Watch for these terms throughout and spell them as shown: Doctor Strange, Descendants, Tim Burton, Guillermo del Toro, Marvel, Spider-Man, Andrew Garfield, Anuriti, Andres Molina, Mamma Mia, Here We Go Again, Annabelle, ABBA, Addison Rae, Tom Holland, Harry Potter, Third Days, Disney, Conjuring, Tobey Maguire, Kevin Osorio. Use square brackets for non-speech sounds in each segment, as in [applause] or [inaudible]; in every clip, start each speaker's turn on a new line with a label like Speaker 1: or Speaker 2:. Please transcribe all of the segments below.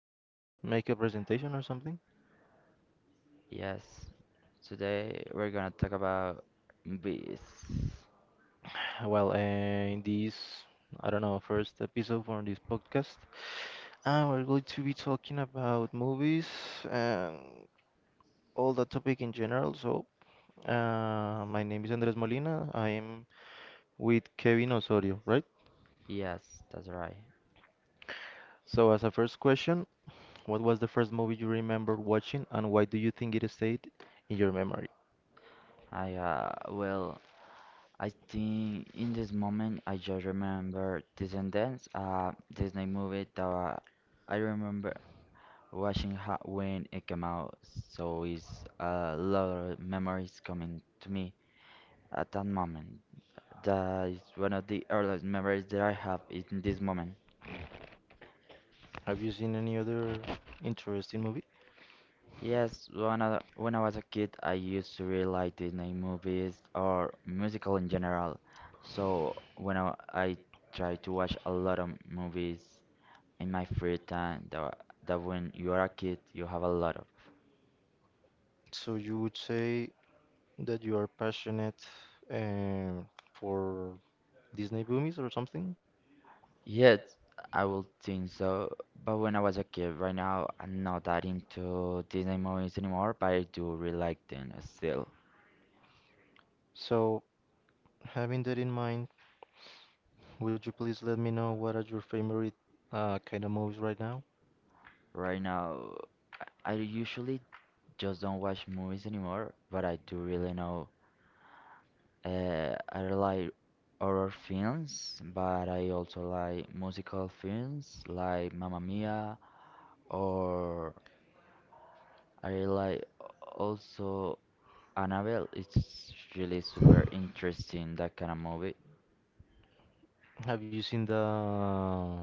Speaker 1: I make a presentation or something?
Speaker 2: Yes, today we're gonna talk about bees.
Speaker 1: [sighs] Well, uh, in this, I don't know, first episode for this podcast, we're going to be talking about movies and all the topic in general. My name is Andres Molina. I am with Kevin Osorio, right?
Speaker 2: Yes, that's right.
Speaker 1: So, as a first question, what was the first movie you remember watching, and why do you think it stayed in your memory?
Speaker 2: I well, I think in this moment I just remember Descendants, Disney movie that I remember watching ha when it came out, so it's a lot of memories coming to me at that moment. That is one of the earliest memories that I have in this moment.
Speaker 1: Have you seen any other interesting movie?
Speaker 2: Yes, when I was a kid, I used to really like Disney movies or musical in general. So when I try to watch a lot of movies in my free time, that when you are a kid, you have a lot of.
Speaker 1: So you would say that you are passionate um, for Disney movies or something.
Speaker 2: Yes, I will think so. But when I was a kid, right now, I'm not that into Disney movies anymore, but I do really like them still.
Speaker 1: So, having that in mind, would you please let me know what are your favorite kind of movies right now?
Speaker 2: Right now, I usually just don't watch movies anymore, but I do really know. I like horror films, but I also like musical films like Mamma Mia or I like also Annabelle. It's really super interesting that kind of movie.
Speaker 1: Have you seen the?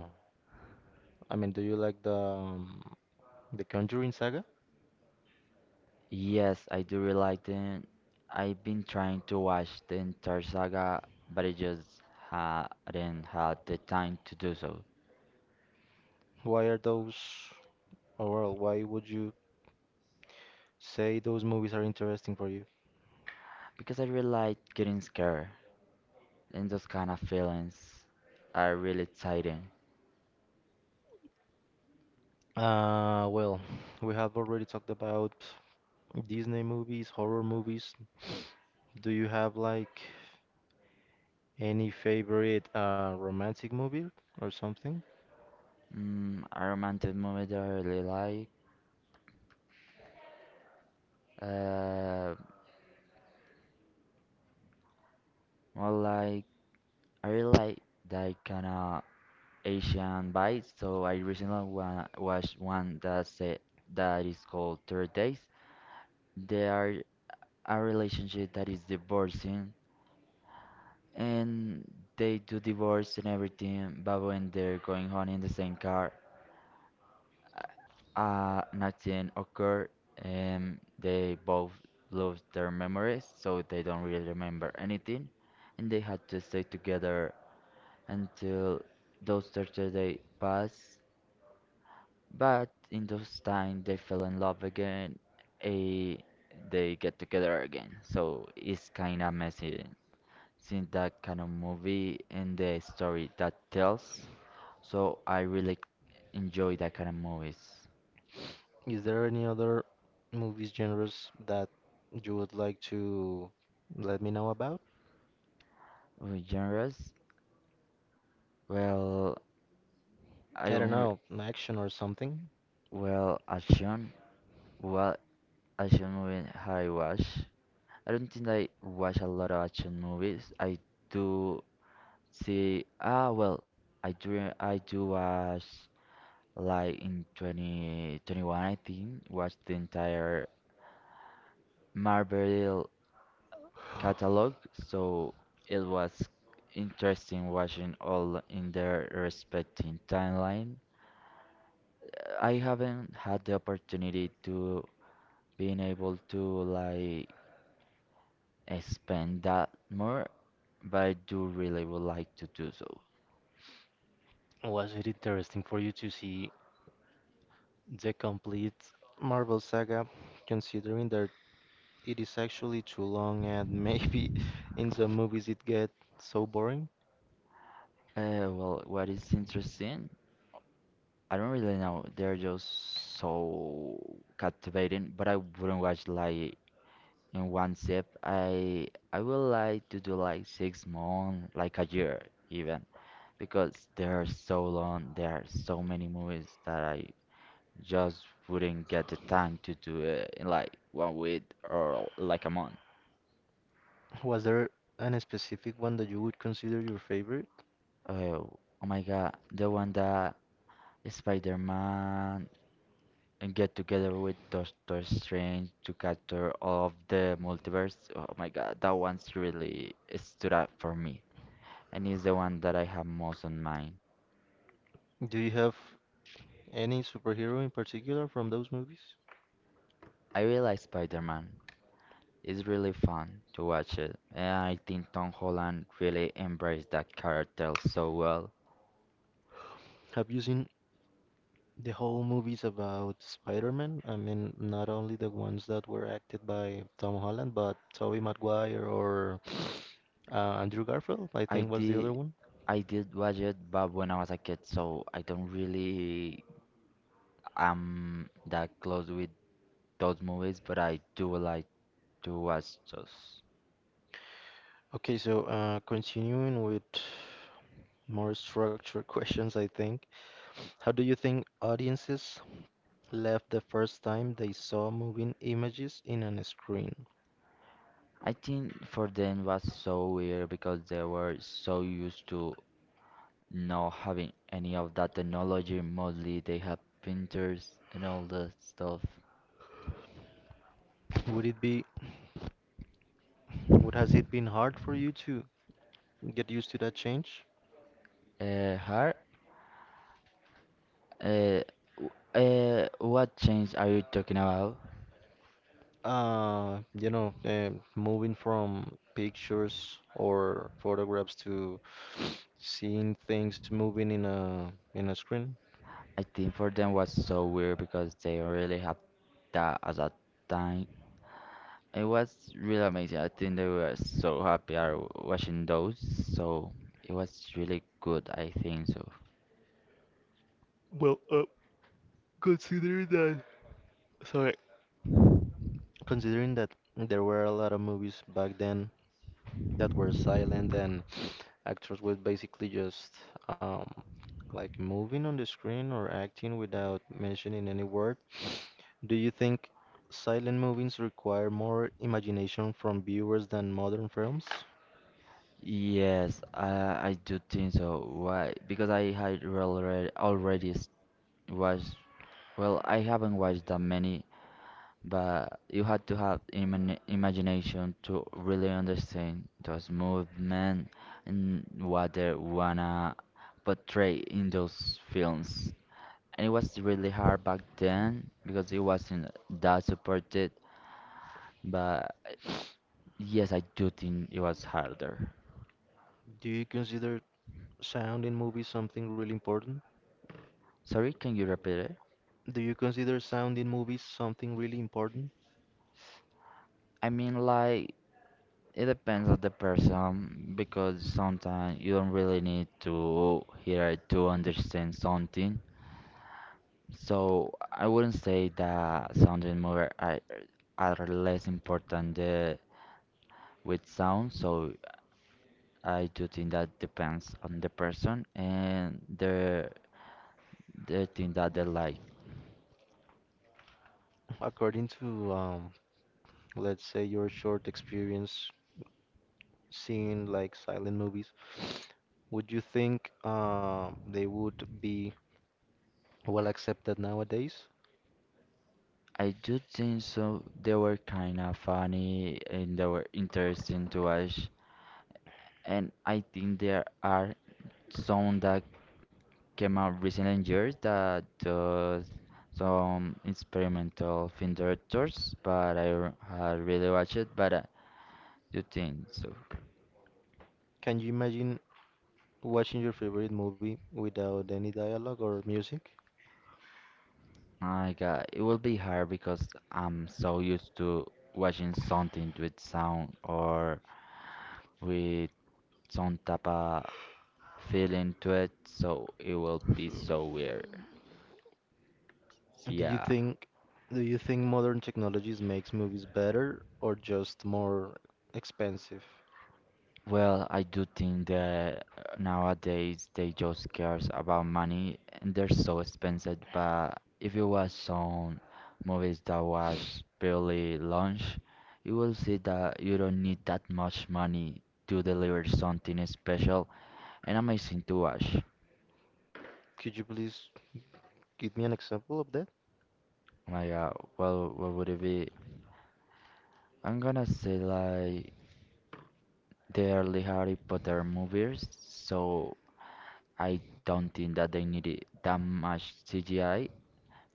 Speaker 1: I mean, do you like the Conjuring saga?
Speaker 2: Yes, I do really like them. I've been trying to watch the entire saga, but I just ha didn't have the time to do so
Speaker 1: Why are those? Or well, why would you say those movies are interesting for you?
Speaker 2: because I really like getting scared and those kind of feelings are really exciting.
Speaker 1: Uh, well, we have already talked about Disney movies, horror movies. Do you have like any favorite romantic movie or something?
Speaker 2: A romantic movie that I really like. Uh, well, like I really like that kind of Asian vibe. So I recently wa watched one that said that is called Third Days. They are a relationship that is divorcing, and they do divorce and everything. But when they're going home in the same car. Nothing occurred, and they both lost their memories, so they don't really remember anything, and they had to stay together until those 30 days passed. But in those time, they fell in love again, and they get together again. So it's kinda messy since that kind of movie and the story that tells. So I really enjoy that kind of movies.
Speaker 1: Is there any other movies genres that you would like to let me know about?
Speaker 2: Genres? Well, I
Speaker 1: I don't
Speaker 2: don't
Speaker 1: know, action or something.
Speaker 2: well action. What action movie I watch? I don't think I watch a lot of action movies. I do see. Well, I do watch like in 2021 I think watched the entire Marvel catalog, so it was interesting watching all in their respective timeline. I haven't had the opportunity to being able to like spend that more, but I do really would like to do so.
Speaker 1: Was it interesting for you to see the complete Marvel saga, considering that it is actually too long and maybe [laughs] in some movies it gets so boring?
Speaker 2: Well, what is interesting? I don't really know. They're just so captivating, but I wouldn't watch like in one sip. I would like to do like 6 months, like a year even, because they're so long. There are so many movies that I just wouldn't get the time to do it in like one week or like a month.
Speaker 1: Was there an specific one that you would consider your favorite?
Speaker 2: Oh, oh my God, the one that Spider-Man and get together with Doctor Strange to capture all of the multiverse. Oh my God, that one's really stood out for me, and is the one that I have most on mind.
Speaker 1: Do you have any superhero in particular from those movies?
Speaker 2: I really like Spider-Man. It's really fun to watch it, and I think Tom Holland really embraced that character so well.
Speaker 1: Have you seen the whole movies about Spider-Man? I mean, not only the ones that were acted by Tom Holland, but Tobey Maguire or uh, Andrew Garfield, I
Speaker 2: I
Speaker 1: think was the other
Speaker 2: did,
Speaker 1: one.
Speaker 2: I did watch it, but when I was a kid, so I don't really am that close with those movies, but I do like to watch those.
Speaker 1: Okay, so continuing with more structured [laughs] questions, I think. How do you think audiences left the first time they saw moving images in on a screen?
Speaker 2: I think for them was so weird because they were so used to not having any of that technology. Mostly they have printers and all that stuff.
Speaker 1: Would it be, would has it been hard for you to get used to that change?
Speaker 2: Uh, her, uh, what change are you talking about?
Speaker 1: You know, moving from pictures or photographs to [sniffs] seeing things moving in a screen.
Speaker 2: I think for them was so weird because they really had that at that time. It was really amazing. I think they were so happy are watching those, so it was really good. I think so.
Speaker 1: Well, uh, Considering that, sorry, considering that there were a lot of movies back then that were silent and actors were basically just um like moving on the screen or acting without mentioning any word, do you think silent movies require more imagination from viewers than modern films?
Speaker 2: Yes, I do think so. Why? Because I had already watched. Well, I haven't watched that many, but you had to have imagination to really understand those movement and what they wanna portray in those films. And it was really hard back then because it wasn't that supported. But yes, I do think it was harder.
Speaker 1: Do you consider sound in movies something really important?
Speaker 2: Sorry, can you repeat it?
Speaker 1: Do you consider sound in movies something really important?
Speaker 2: I mean, like. It depends on the person because sometimes you don't really need to hear it to understand something. So I wouldn't say that sound and mover are less important with sound. So I do think that depends on the person and the thing that they like.
Speaker 1: According to, let's say, your short experience seeing like silent movies, would you think they would be well accepted nowadays?
Speaker 2: I do think so. They were kind of funny and they were interesting to watch. And I think there are some that came out recently in years that does some experimental film directors, but I had really watched it. But you think so?
Speaker 1: Can you imagine watching your favorite movie without any dialogue or music?
Speaker 2: My God, it will be hard because I'm so used to watching something with sound or with some type of feeling to it, so it will be so weird.
Speaker 1: Do you
Speaker 2: Yeah.
Speaker 1: think do you think modern technologies makes movies better or just more expensive?
Speaker 2: Well, I do think that nowadays they just cares about money and they're so expensive. But if you watch some movies that was barely launched, you will see that you don't need that much money to deliver something special and amazing to watch.
Speaker 1: Could you please give me an example of that?
Speaker 2: Oh my God, well, what would it be? I'm gonna say like the early Harry Potter movies, so I don't think that they needed that much CGI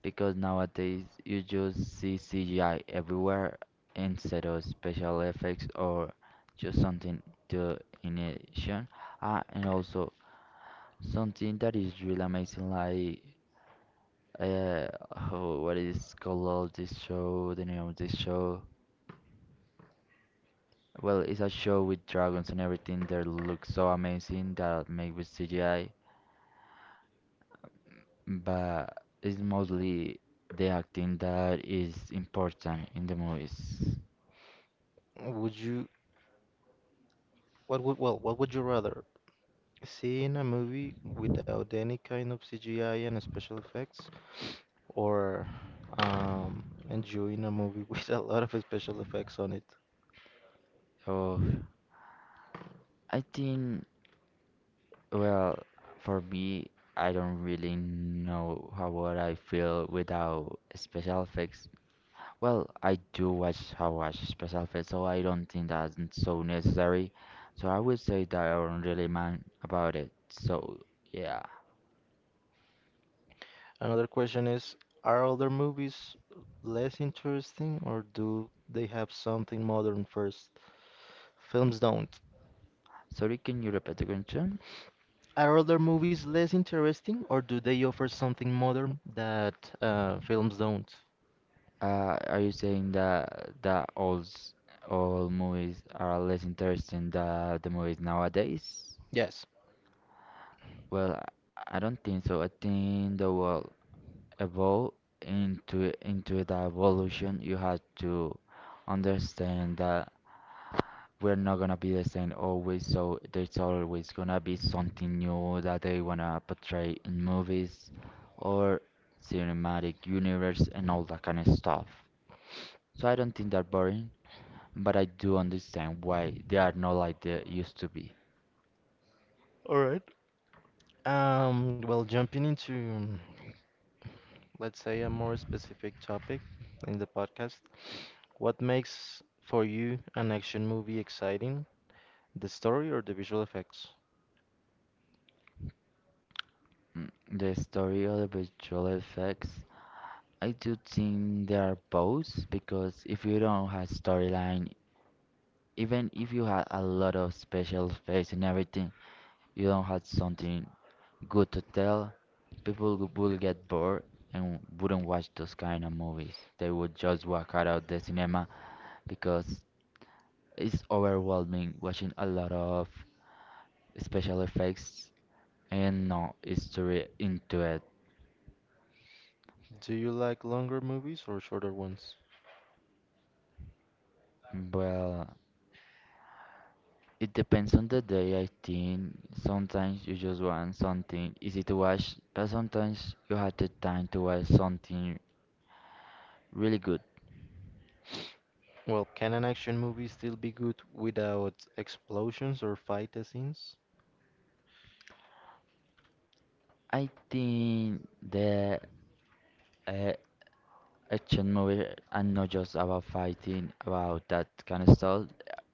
Speaker 2: because nowadays you just see CGI everywhere instead of special effects or just something to innovation. And also something that is really amazing, like, uh, oh, what is called this show? The name of this show? Well, it's a show with dragons and everything that looks so amazing that made with CGI, but it's mostly the acting that is important in the movies.
Speaker 1: Would you what would well what would you rather see in a movie without any kind of CGI and special effects or um enjoying a movie [laughs] with a lot of special effects on it?
Speaker 2: Oh, I think, well, for me, I don't really know how would I feel without special effects. Well, I do watch, how watch special effects, so I don't think that's so necessary. So I would say that I don't really mind about it. So yeah.
Speaker 1: Another question is, are other movies less interesting or do they have something modern first? Films don't.
Speaker 2: Sorry, can you repeat the question?
Speaker 1: Are other movies less interesting or do they offer something modern that films don't?
Speaker 2: Are you saying that all movies are less interesting than the movies nowadays?
Speaker 1: Yes.
Speaker 2: Well, I don't think so. I think the world evolve into the evolution, you have to understand that we're not gonna be the same always, so there's always gonna be something new that they wanna portray in movies or cinematic universe and all that kind of stuff. So I don't think they're boring, but I do understand why they are not like they used to be.
Speaker 1: All right. Well, jumping into, let's say, a more specific topic in the podcast, what makes for you an action movie exciting? The story or the visual effects?
Speaker 2: The story of the visual effects, I do think they are both because if you don't have storyline. Even if you had a lot of special effects and everything, you don't have something good to tell, people will get bored and wouldn't watch those kind of movies. They would just walk out of the cinema because it's overwhelming watching a lot of special effects and no history into it.
Speaker 1: Do you like longer movies or shorter ones?
Speaker 2: Well, it depends on the day, I think. Sometimes you just want something easy to watch, but sometimes you have the time to watch something really good.
Speaker 1: Well, can an action movie still be good without explosions or fight scenes?
Speaker 2: I think the uh, action movie are not just about fighting, about that kind of stuff.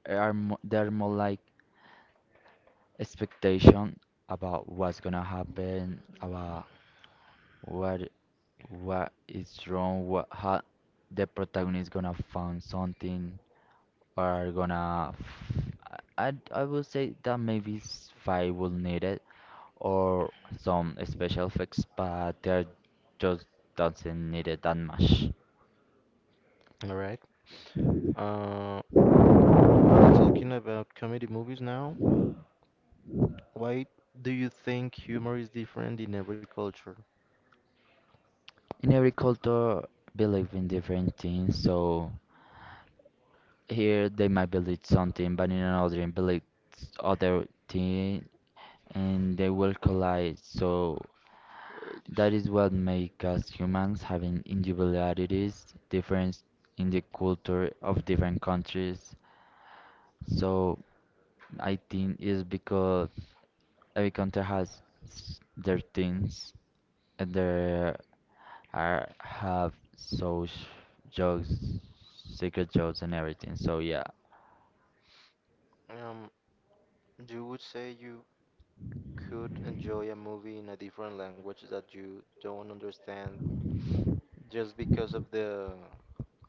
Speaker 2: Are mo they're more like expectation about what's gonna happen, about what what is wrong, what how the protagonist gonna find something. We're gonna. I would say that maybe five will need it or some special effects, but they're just doesn't need it that much.
Speaker 1: All right. Uh, Talking about comedy movies now, why do you think humor is different in every culture?
Speaker 2: In every culture, believe in different things, so here they might believe something, but in another they believe other thing, and they will collide. So that is what makes us humans, having individualities, difference in the culture of different countries. So I think it's because every country has their things and there are have so jokes, secret jokes and everything. So yeah.
Speaker 1: Um, you would say you could enjoy a movie in a different language that you don't understand just because of the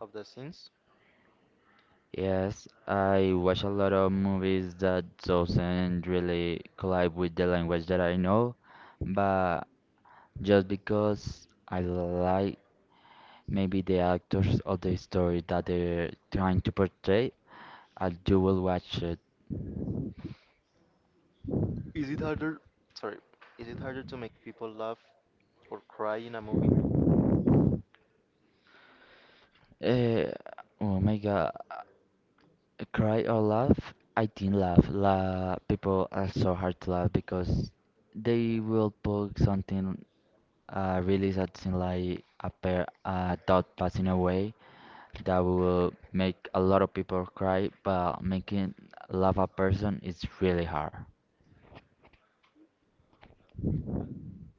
Speaker 1: of the scenes?
Speaker 2: Yes, I watch a lot of movies that doesn't really collide with the language that I know, but just because I like maybe the actors or the story that they're trying to portray, I do will watch it.
Speaker 1: Is it harder? Sorry, is it harder to make people laugh or cry in a movie?
Speaker 2: Uh, oh my God, cry or laugh? I think laugh. La People are so hard to laugh because they will put something really sad thing like a pair a dog passing away that will make a lot of people cry, but making laugh a person is really hard.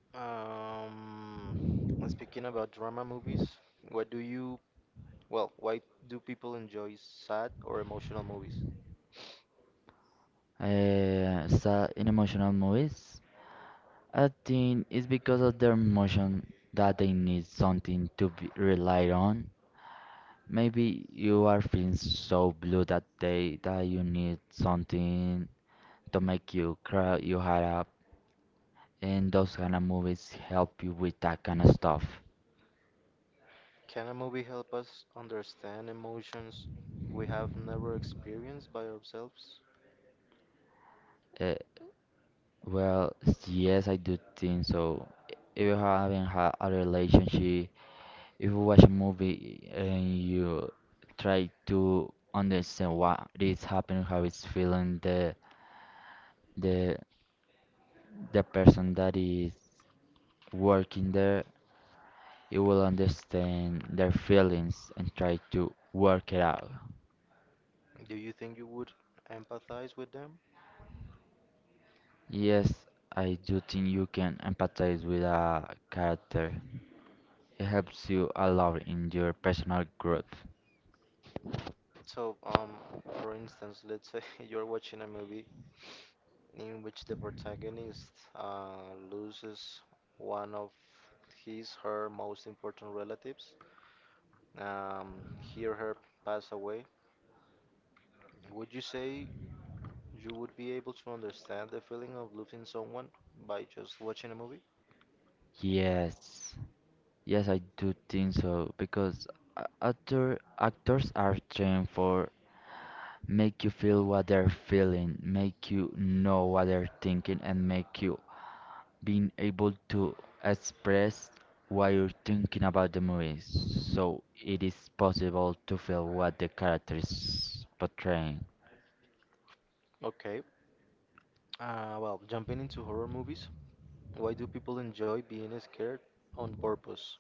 Speaker 1: Um, Speaking about drama movies, what do you, well, why do people enjoy sad or emotional movies?
Speaker 2: Sad in emotional movies, I think it's because of their emotion that they need something to be relied on. Maybe you are feeling so blue that day that you need something to make you cry. You heart up, and those kind of movies help you with that kind of stuff.
Speaker 1: Can a movie help us understand emotions we have never experienced by ourselves?
Speaker 2: Uh, well, yes, I do think so. If you haven't had a relationship, if you watch a movie and you try to understand what is happening, how it's feeling, the the person that is working there. You will understand their feelings and try to work it out.
Speaker 1: Do you think you would empathize with them?
Speaker 2: Yes, I do think you can empathize with a character. It helps you a lot in your personal growth.
Speaker 1: So, um, for instance, let's say [laughs] you're watching a movie in which the protagonist loses one of his, her most important relatives. um, Hear her pass away, would you say you would be able to understand the feeling of losing someone by just watching a movie?
Speaker 2: Yes, yes, I do think so because actors are trained for make you feel what they're feeling, make you know what they're thinking, and make you being able to express what you're thinking about the movie, so it is possible to feel what the character is portraying.
Speaker 1: Okay. Jumping into horror movies, why do people enjoy being scared on purpose?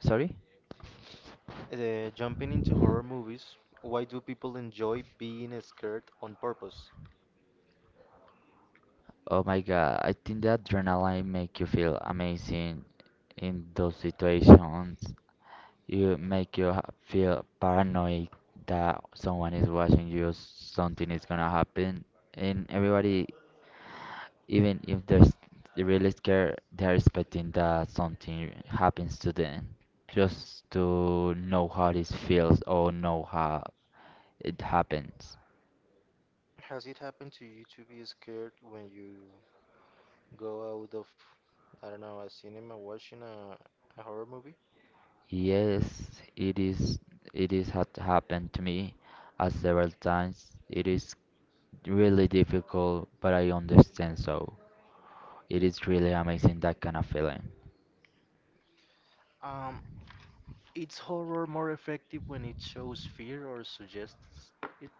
Speaker 2: Sorry?
Speaker 1: Jumping into horror movies, why do people enjoy being scared on purpose?
Speaker 2: Oh my god, I think the adrenaline make you feel amazing in those situations. You make you feel paranoid that someone is watching you, something is gonna happen, and everybody, even if there's, they really scared, they're expecting that something happens to them, just to know how this feels or know how it happens.
Speaker 1: Has it happened to you to be scared when you go out of, I don't know, a cinema watching a horror movie?
Speaker 2: Yes, it is. It is had happened to me several times. It is really difficult, but I understand. So it is really amazing that kind of feeling.
Speaker 1: Um, It's horror more effective when it shows fear or suggests it?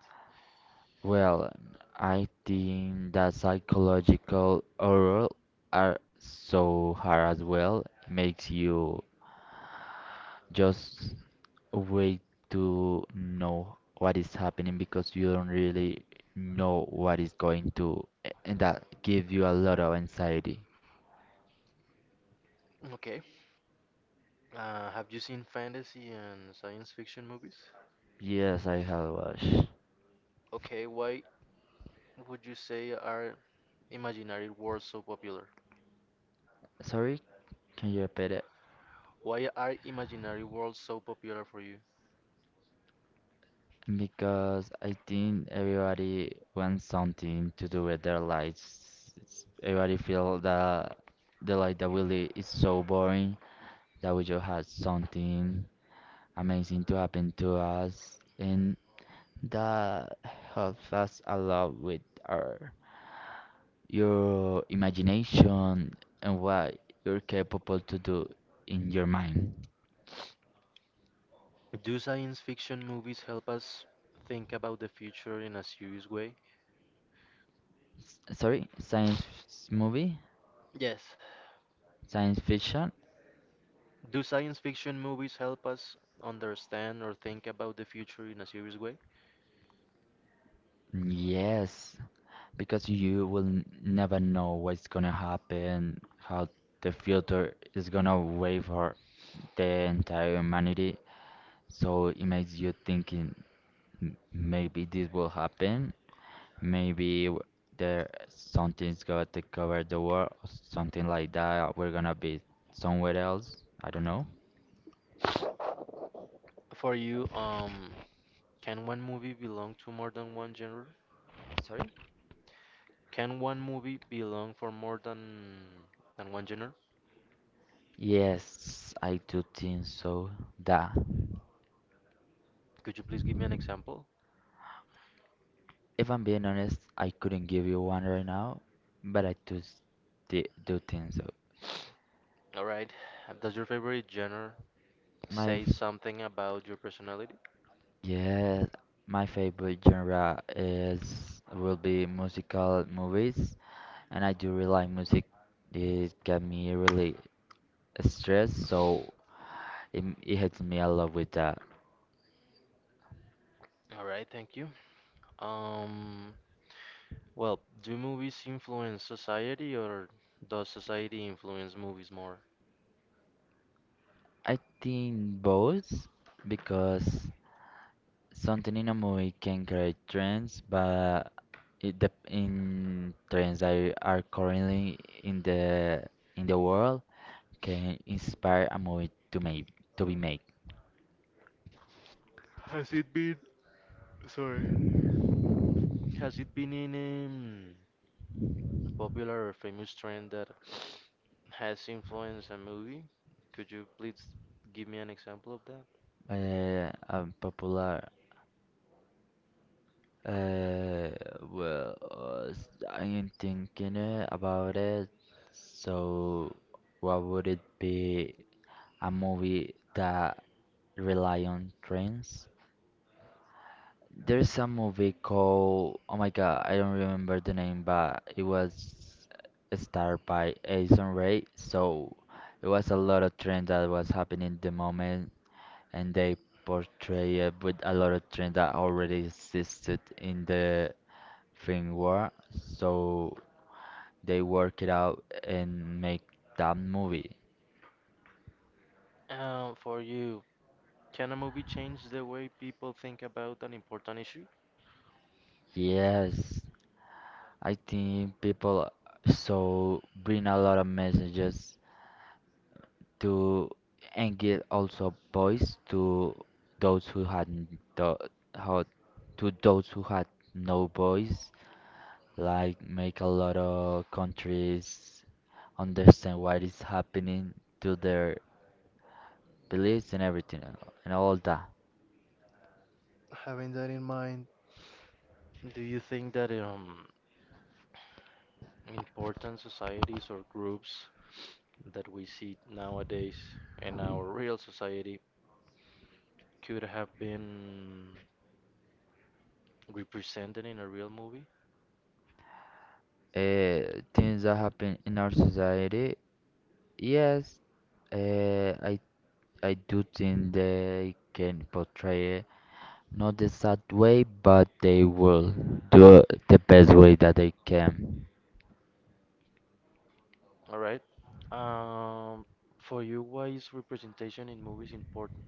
Speaker 2: Well, I think that psychological horror are so hard as well. It makes you just wait to know what is happening because you don't really know what is going to, and that gives you a lot of anxiety.
Speaker 1: Okay. Have you seen fantasy and science fiction movies?
Speaker 2: Yes, I have watched.
Speaker 1: Okay, why would you say are imaginary worlds so popular?
Speaker 2: Sorry, can you repeat it?
Speaker 1: Why are imaginary worlds so popular for you?
Speaker 2: Because I think everybody wants something to do with their lives. It's- Everybody feel that the life that we live is so boring that we just had something amazing to happen to us, and that helps us a lot with our your imagination and what you're capable to do in your mind.
Speaker 1: Do science fiction movies help us think about the future in a serious way?
Speaker 2: Science
Speaker 1: Yes.
Speaker 2: science fiction.
Speaker 1: Do science fiction movies help us understand or think about the future in a serious way?
Speaker 2: Yes, because you will never know what's gonna happen, how the future is gonna wave for the entire humanity. So it makes you thinking, Maybe this will happen, maybe there something's gonna take over the world, or something like that. We're gonna be somewhere else. I don't know."
Speaker 1: For you, can one movie belong to more than one genre?
Speaker 2: Sorry?
Speaker 1: Can one movie belong for more than one genre?
Speaker 2: Yes, I do think so. Da.
Speaker 1: Could you please give me an example?
Speaker 2: If I'm being honest, I couldn't give you one right now, but I do do think so.
Speaker 1: All right. Does your favorite genre
Speaker 2: My
Speaker 1: say
Speaker 2: f-
Speaker 1: something about your personality?
Speaker 2: yes, my favorite genre is will be musical movies, and I do rely music. It get me really stressed, so it helps me a lot with that.
Speaker 1: All right, thank you. Um, well, do movies influence society or does society influence movies more?
Speaker 2: I think both because something in a movie can create trends, but it dep in trends that are currently in the world can inspire a movie to make to be made.
Speaker 1: Has it been sorry. Has it been in a popular or famous trend that has influenced a movie? Could you please give me an example of that?
Speaker 2: Popular. Uh, well, I'm thinking about it. So, what would it be? A movie that rely on trends? There's a movie called, oh my god, I don't remember the name, but it was starred by Addison Rae. So it was a lot of trend that was happening at the moment, and they portray it with a lot of trend that already existed in the film world. So they work it out and make that movie.
Speaker 1: For you, can a movie change the way people think about an important issue?
Speaker 2: Yes, I think people so bring a lot of messages to engage also boys to those who had n- the how to those who had no voice, like make a lot of countries understand what is happening to their beliefs and everything, and all that.
Speaker 1: Having that in mind, do you think that important societies or groups that we see nowadays in our real society could have been represented in a real movie?
Speaker 2: Things that happen in our society, yes, uh, I I do think they can portray. Not the sad way, but they will do the best way that they can.
Speaker 1: All right. Um, for you, why is representation in movies important?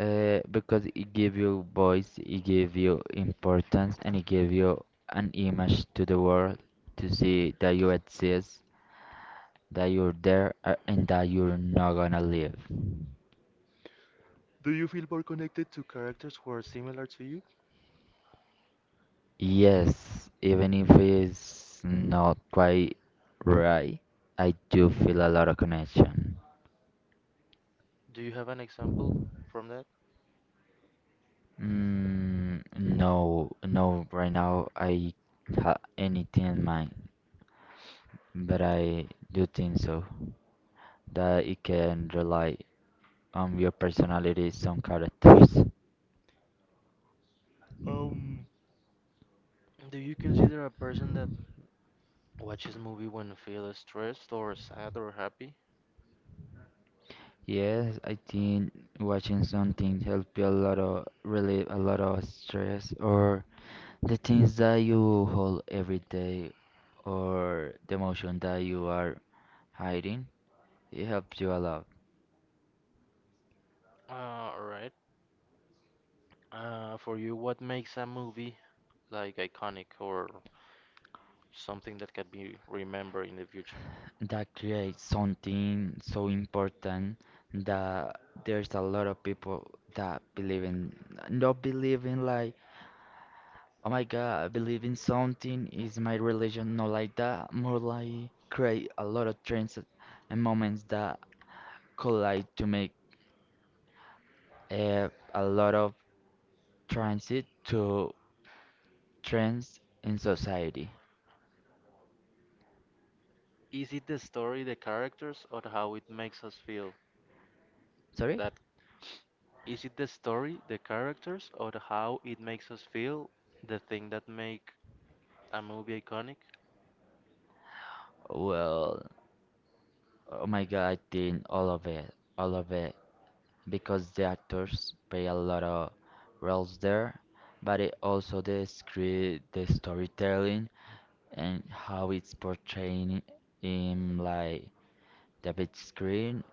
Speaker 2: Because it give you voice, it give you importance, and it give you an image to the world to see that you exist, that you're there, and that you're not gonna leave.
Speaker 1: Do you feel more connected to characters who are similar to you?
Speaker 2: Yes, even if it's not quite right, I do feel a lot of connection.
Speaker 1: Do you have an example from that?
Speaker 2: Mm, no, no, right now I have anything in mind, but I do think so that it can rely on your personality, some characters.
Speaker 1: Um, Do you consider a person that watches movie when feel stressed or sad or happy?
Speaker 2: Yes, I think watching something help you a lot of relieve a lot of stress or the things that you hold every day or the emotion that you are hiding. It helps you a lot.
Speaker 1: Alright. For you, what makes a movie like iconic or something that can be remembered in the future?
Speaker 2: That creates something so important that there's a lot of people that believe in, not believe in like, oh my god, I believe in something is my religion, not like that, more like create a lot of trends and moments that collide to make uh, a lot of transit to trends in society.
Speaker 1: Is it the story, the characters, or how it makes us feel?
Speaker 2: Sorry.
Speaker 1: That Is it the story, the characters, or how it makes us feel? The thing that make a movie iconic?
Speaker 2: Well, oh my god, I think all of it because the actors play a lot of roles there, but it also the script, the storytelling, and how it's portraying in like the big screen,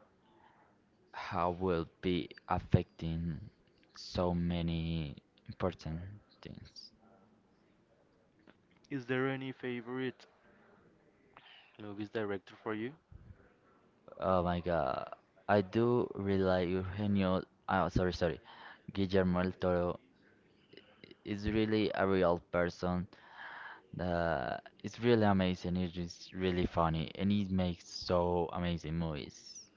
Speaker 2: how will be affecting so many important things.
Speaker 1: Is there any favorite movies director for you?
Speaker 2: Oh my god, I do really like Eugenio. Oh, sorry, Guillermo del Toro is really a real person. Uh, it's really amazing. It is really funny, and he makes so amazing movies.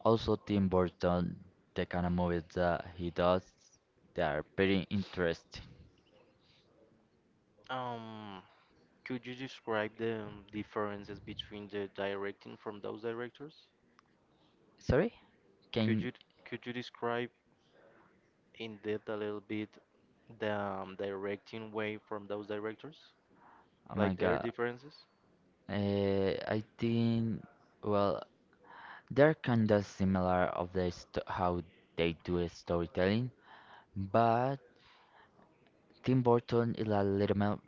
Speaker 2: Also, Tim Burton, the kind of movies that he does, they are very interesting.
Speaker 1: Um, could you describe the differences between the directing from those directors?
Speaker 2: Sorry?
Speaker 1: Could
Speaker 2: Can
Speaker 1: you could you describe in depth a little bit the directing way from those directors?
Speaker 2: oh my
Speaker 1: Like their
Speaker 2: god.
Speaker 1: differences?
Speaker 2: I think, well, they're kinda similar of the st how they do a storytelling, but Tim Burton is a little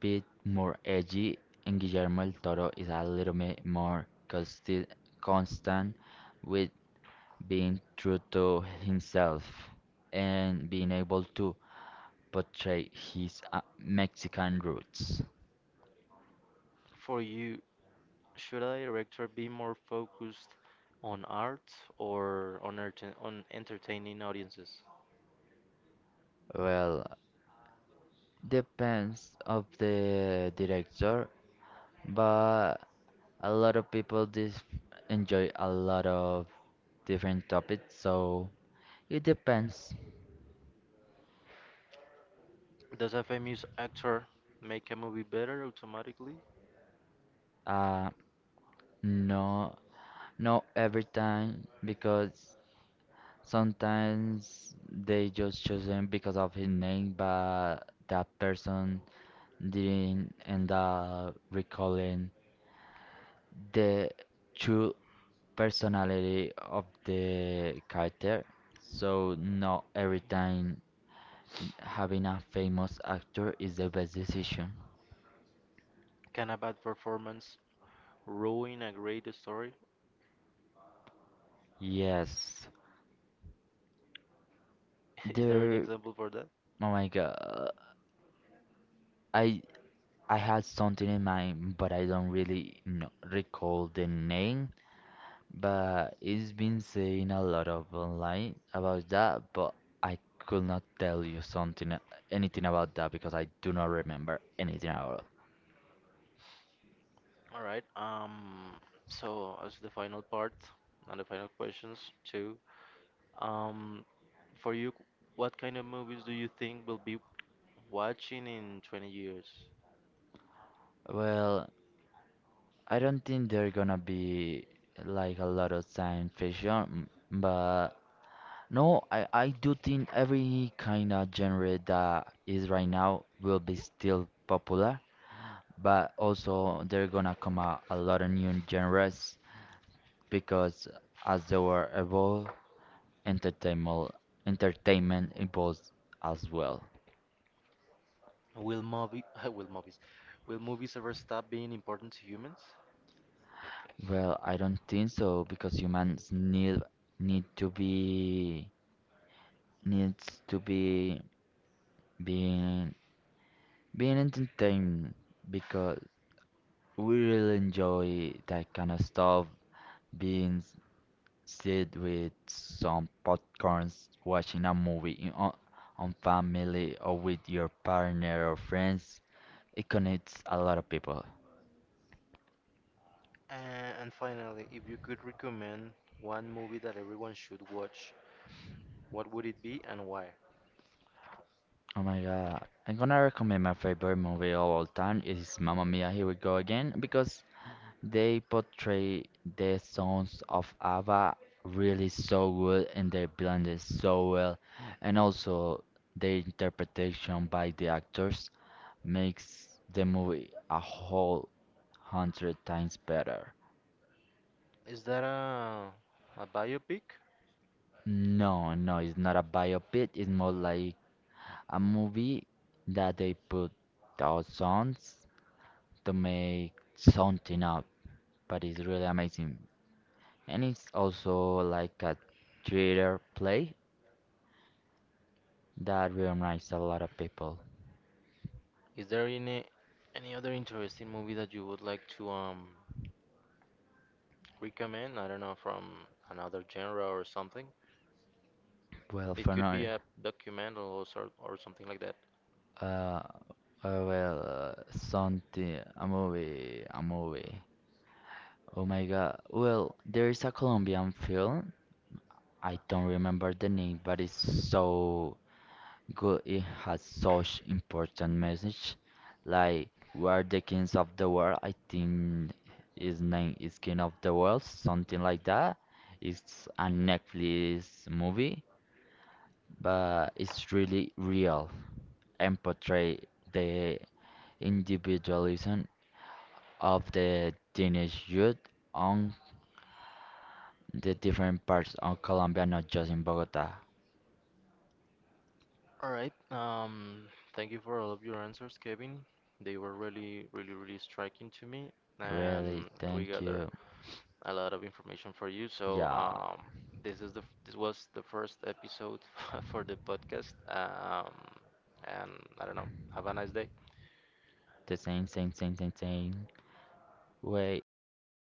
Speaker 2: bit more edgy, and Guillermo el Toro is a little bit more constant with being true to himself and being able to portray his Mexican roots.
Speaker 1: For you, should a director be more focused on art or on on entertaining audiences?
Speaker 2: Well, depends of the director, but a lot of people enjoy a lot of different topics, so it depends.
Speaker 1: Does a famous actor make a movie better automatically?
Speaker 2: Uh, no. Not every time, because sometimes they just choose him because of his name, but that person didn't end up recalling the true personality of the character. So not every time having a famous actor is the best decision.
Speaker 1: Can a bad performance ruin a great story?
Speaker 2: Yes,
Speaker 1: [laughs] Is there an
Speaker 2: there.
Speaker 1: example for that?
Speaker 2: Oh my God, I I had something in mind, but I don't really know, recall the name. But it's been saying a lot of online about that, but I could not tell you something, anything about that because I do not remember anything at all.
Speaker 1: All right. So as the final part and the final questions too. Um, for you, what kind of movies do you think will be watching in 20 years?
Speaker 2: Well, I don't think there gonna be like a lot of science fiction, but no, I do think every kind of genre that is right now will be still popular, but also they're gonna come out a lot of new genres because as they were evolved, entertainment entertainment evolves as well.
Speaker 1: Will movie [laughs] Will movies ever stop being important to humans?
Speaker 2: Well, I don't think so because humans need to be needs to be being being entertained because we really enjoy that kind of stuff, being sit with some popcorns, watching a movie on family or with your partner or friends. It connects a lot of people.
Speaker 1: And finally, if you could recommend one movie that everyone should watch, what would it be and why?
Speaker 2: Oh my god. I'm gonna recommend my favorite movie of all time is Mamma Mia, Here We Go Again because they portray the songs of ABBA really so good and they blend it so well, and also the interpretation by the actors makes the movie a whole hundred times better.
Speaker 1: Is that a biopic?
Speaker 2: No, no, it's not a biopic. It's more like a movie that they put out songs to make something up, but it's really amazing. And it's also like a theater play that reminds a lot of people.
Speaker 1: Is there any other interesting movie that you would like to recommend? I don't know, from another genre or something.
Speaker 2: Well,
Speaker 1: It
Speaker 2: for
Speaker 1: could be
Speaker 2: now,
Speaker 1: a documental or sort or something like that.
Speaker 2: uh, well, something, a movie. Oh my God. Well, there is a Colombian film. I don't remember the name, but it's so good. It has such important message. Like, we are the kings of the world. I think his name is King of the World, something like that. It's a Netflix movie, but it's really real and portray the individualism of the teenage youth on the different parts of Colombia, not just in Bogota.
Speaker 1: All right. Thank you for all of your answers, Kevin. They were really, really, really striking to me,
Speaker 2: Really,
Speaker 1: and we
Speaker 2: thank
Speaker 1: gather
Speaker 2: you.
Speaker 1: a lot of information for you. So
Speaker 2: Yeah,
Speaker 1: um, this is this was the first episode [laughs] for the podcast. And I don't know. Have a nice day.
Speaker 2: the same. Wait,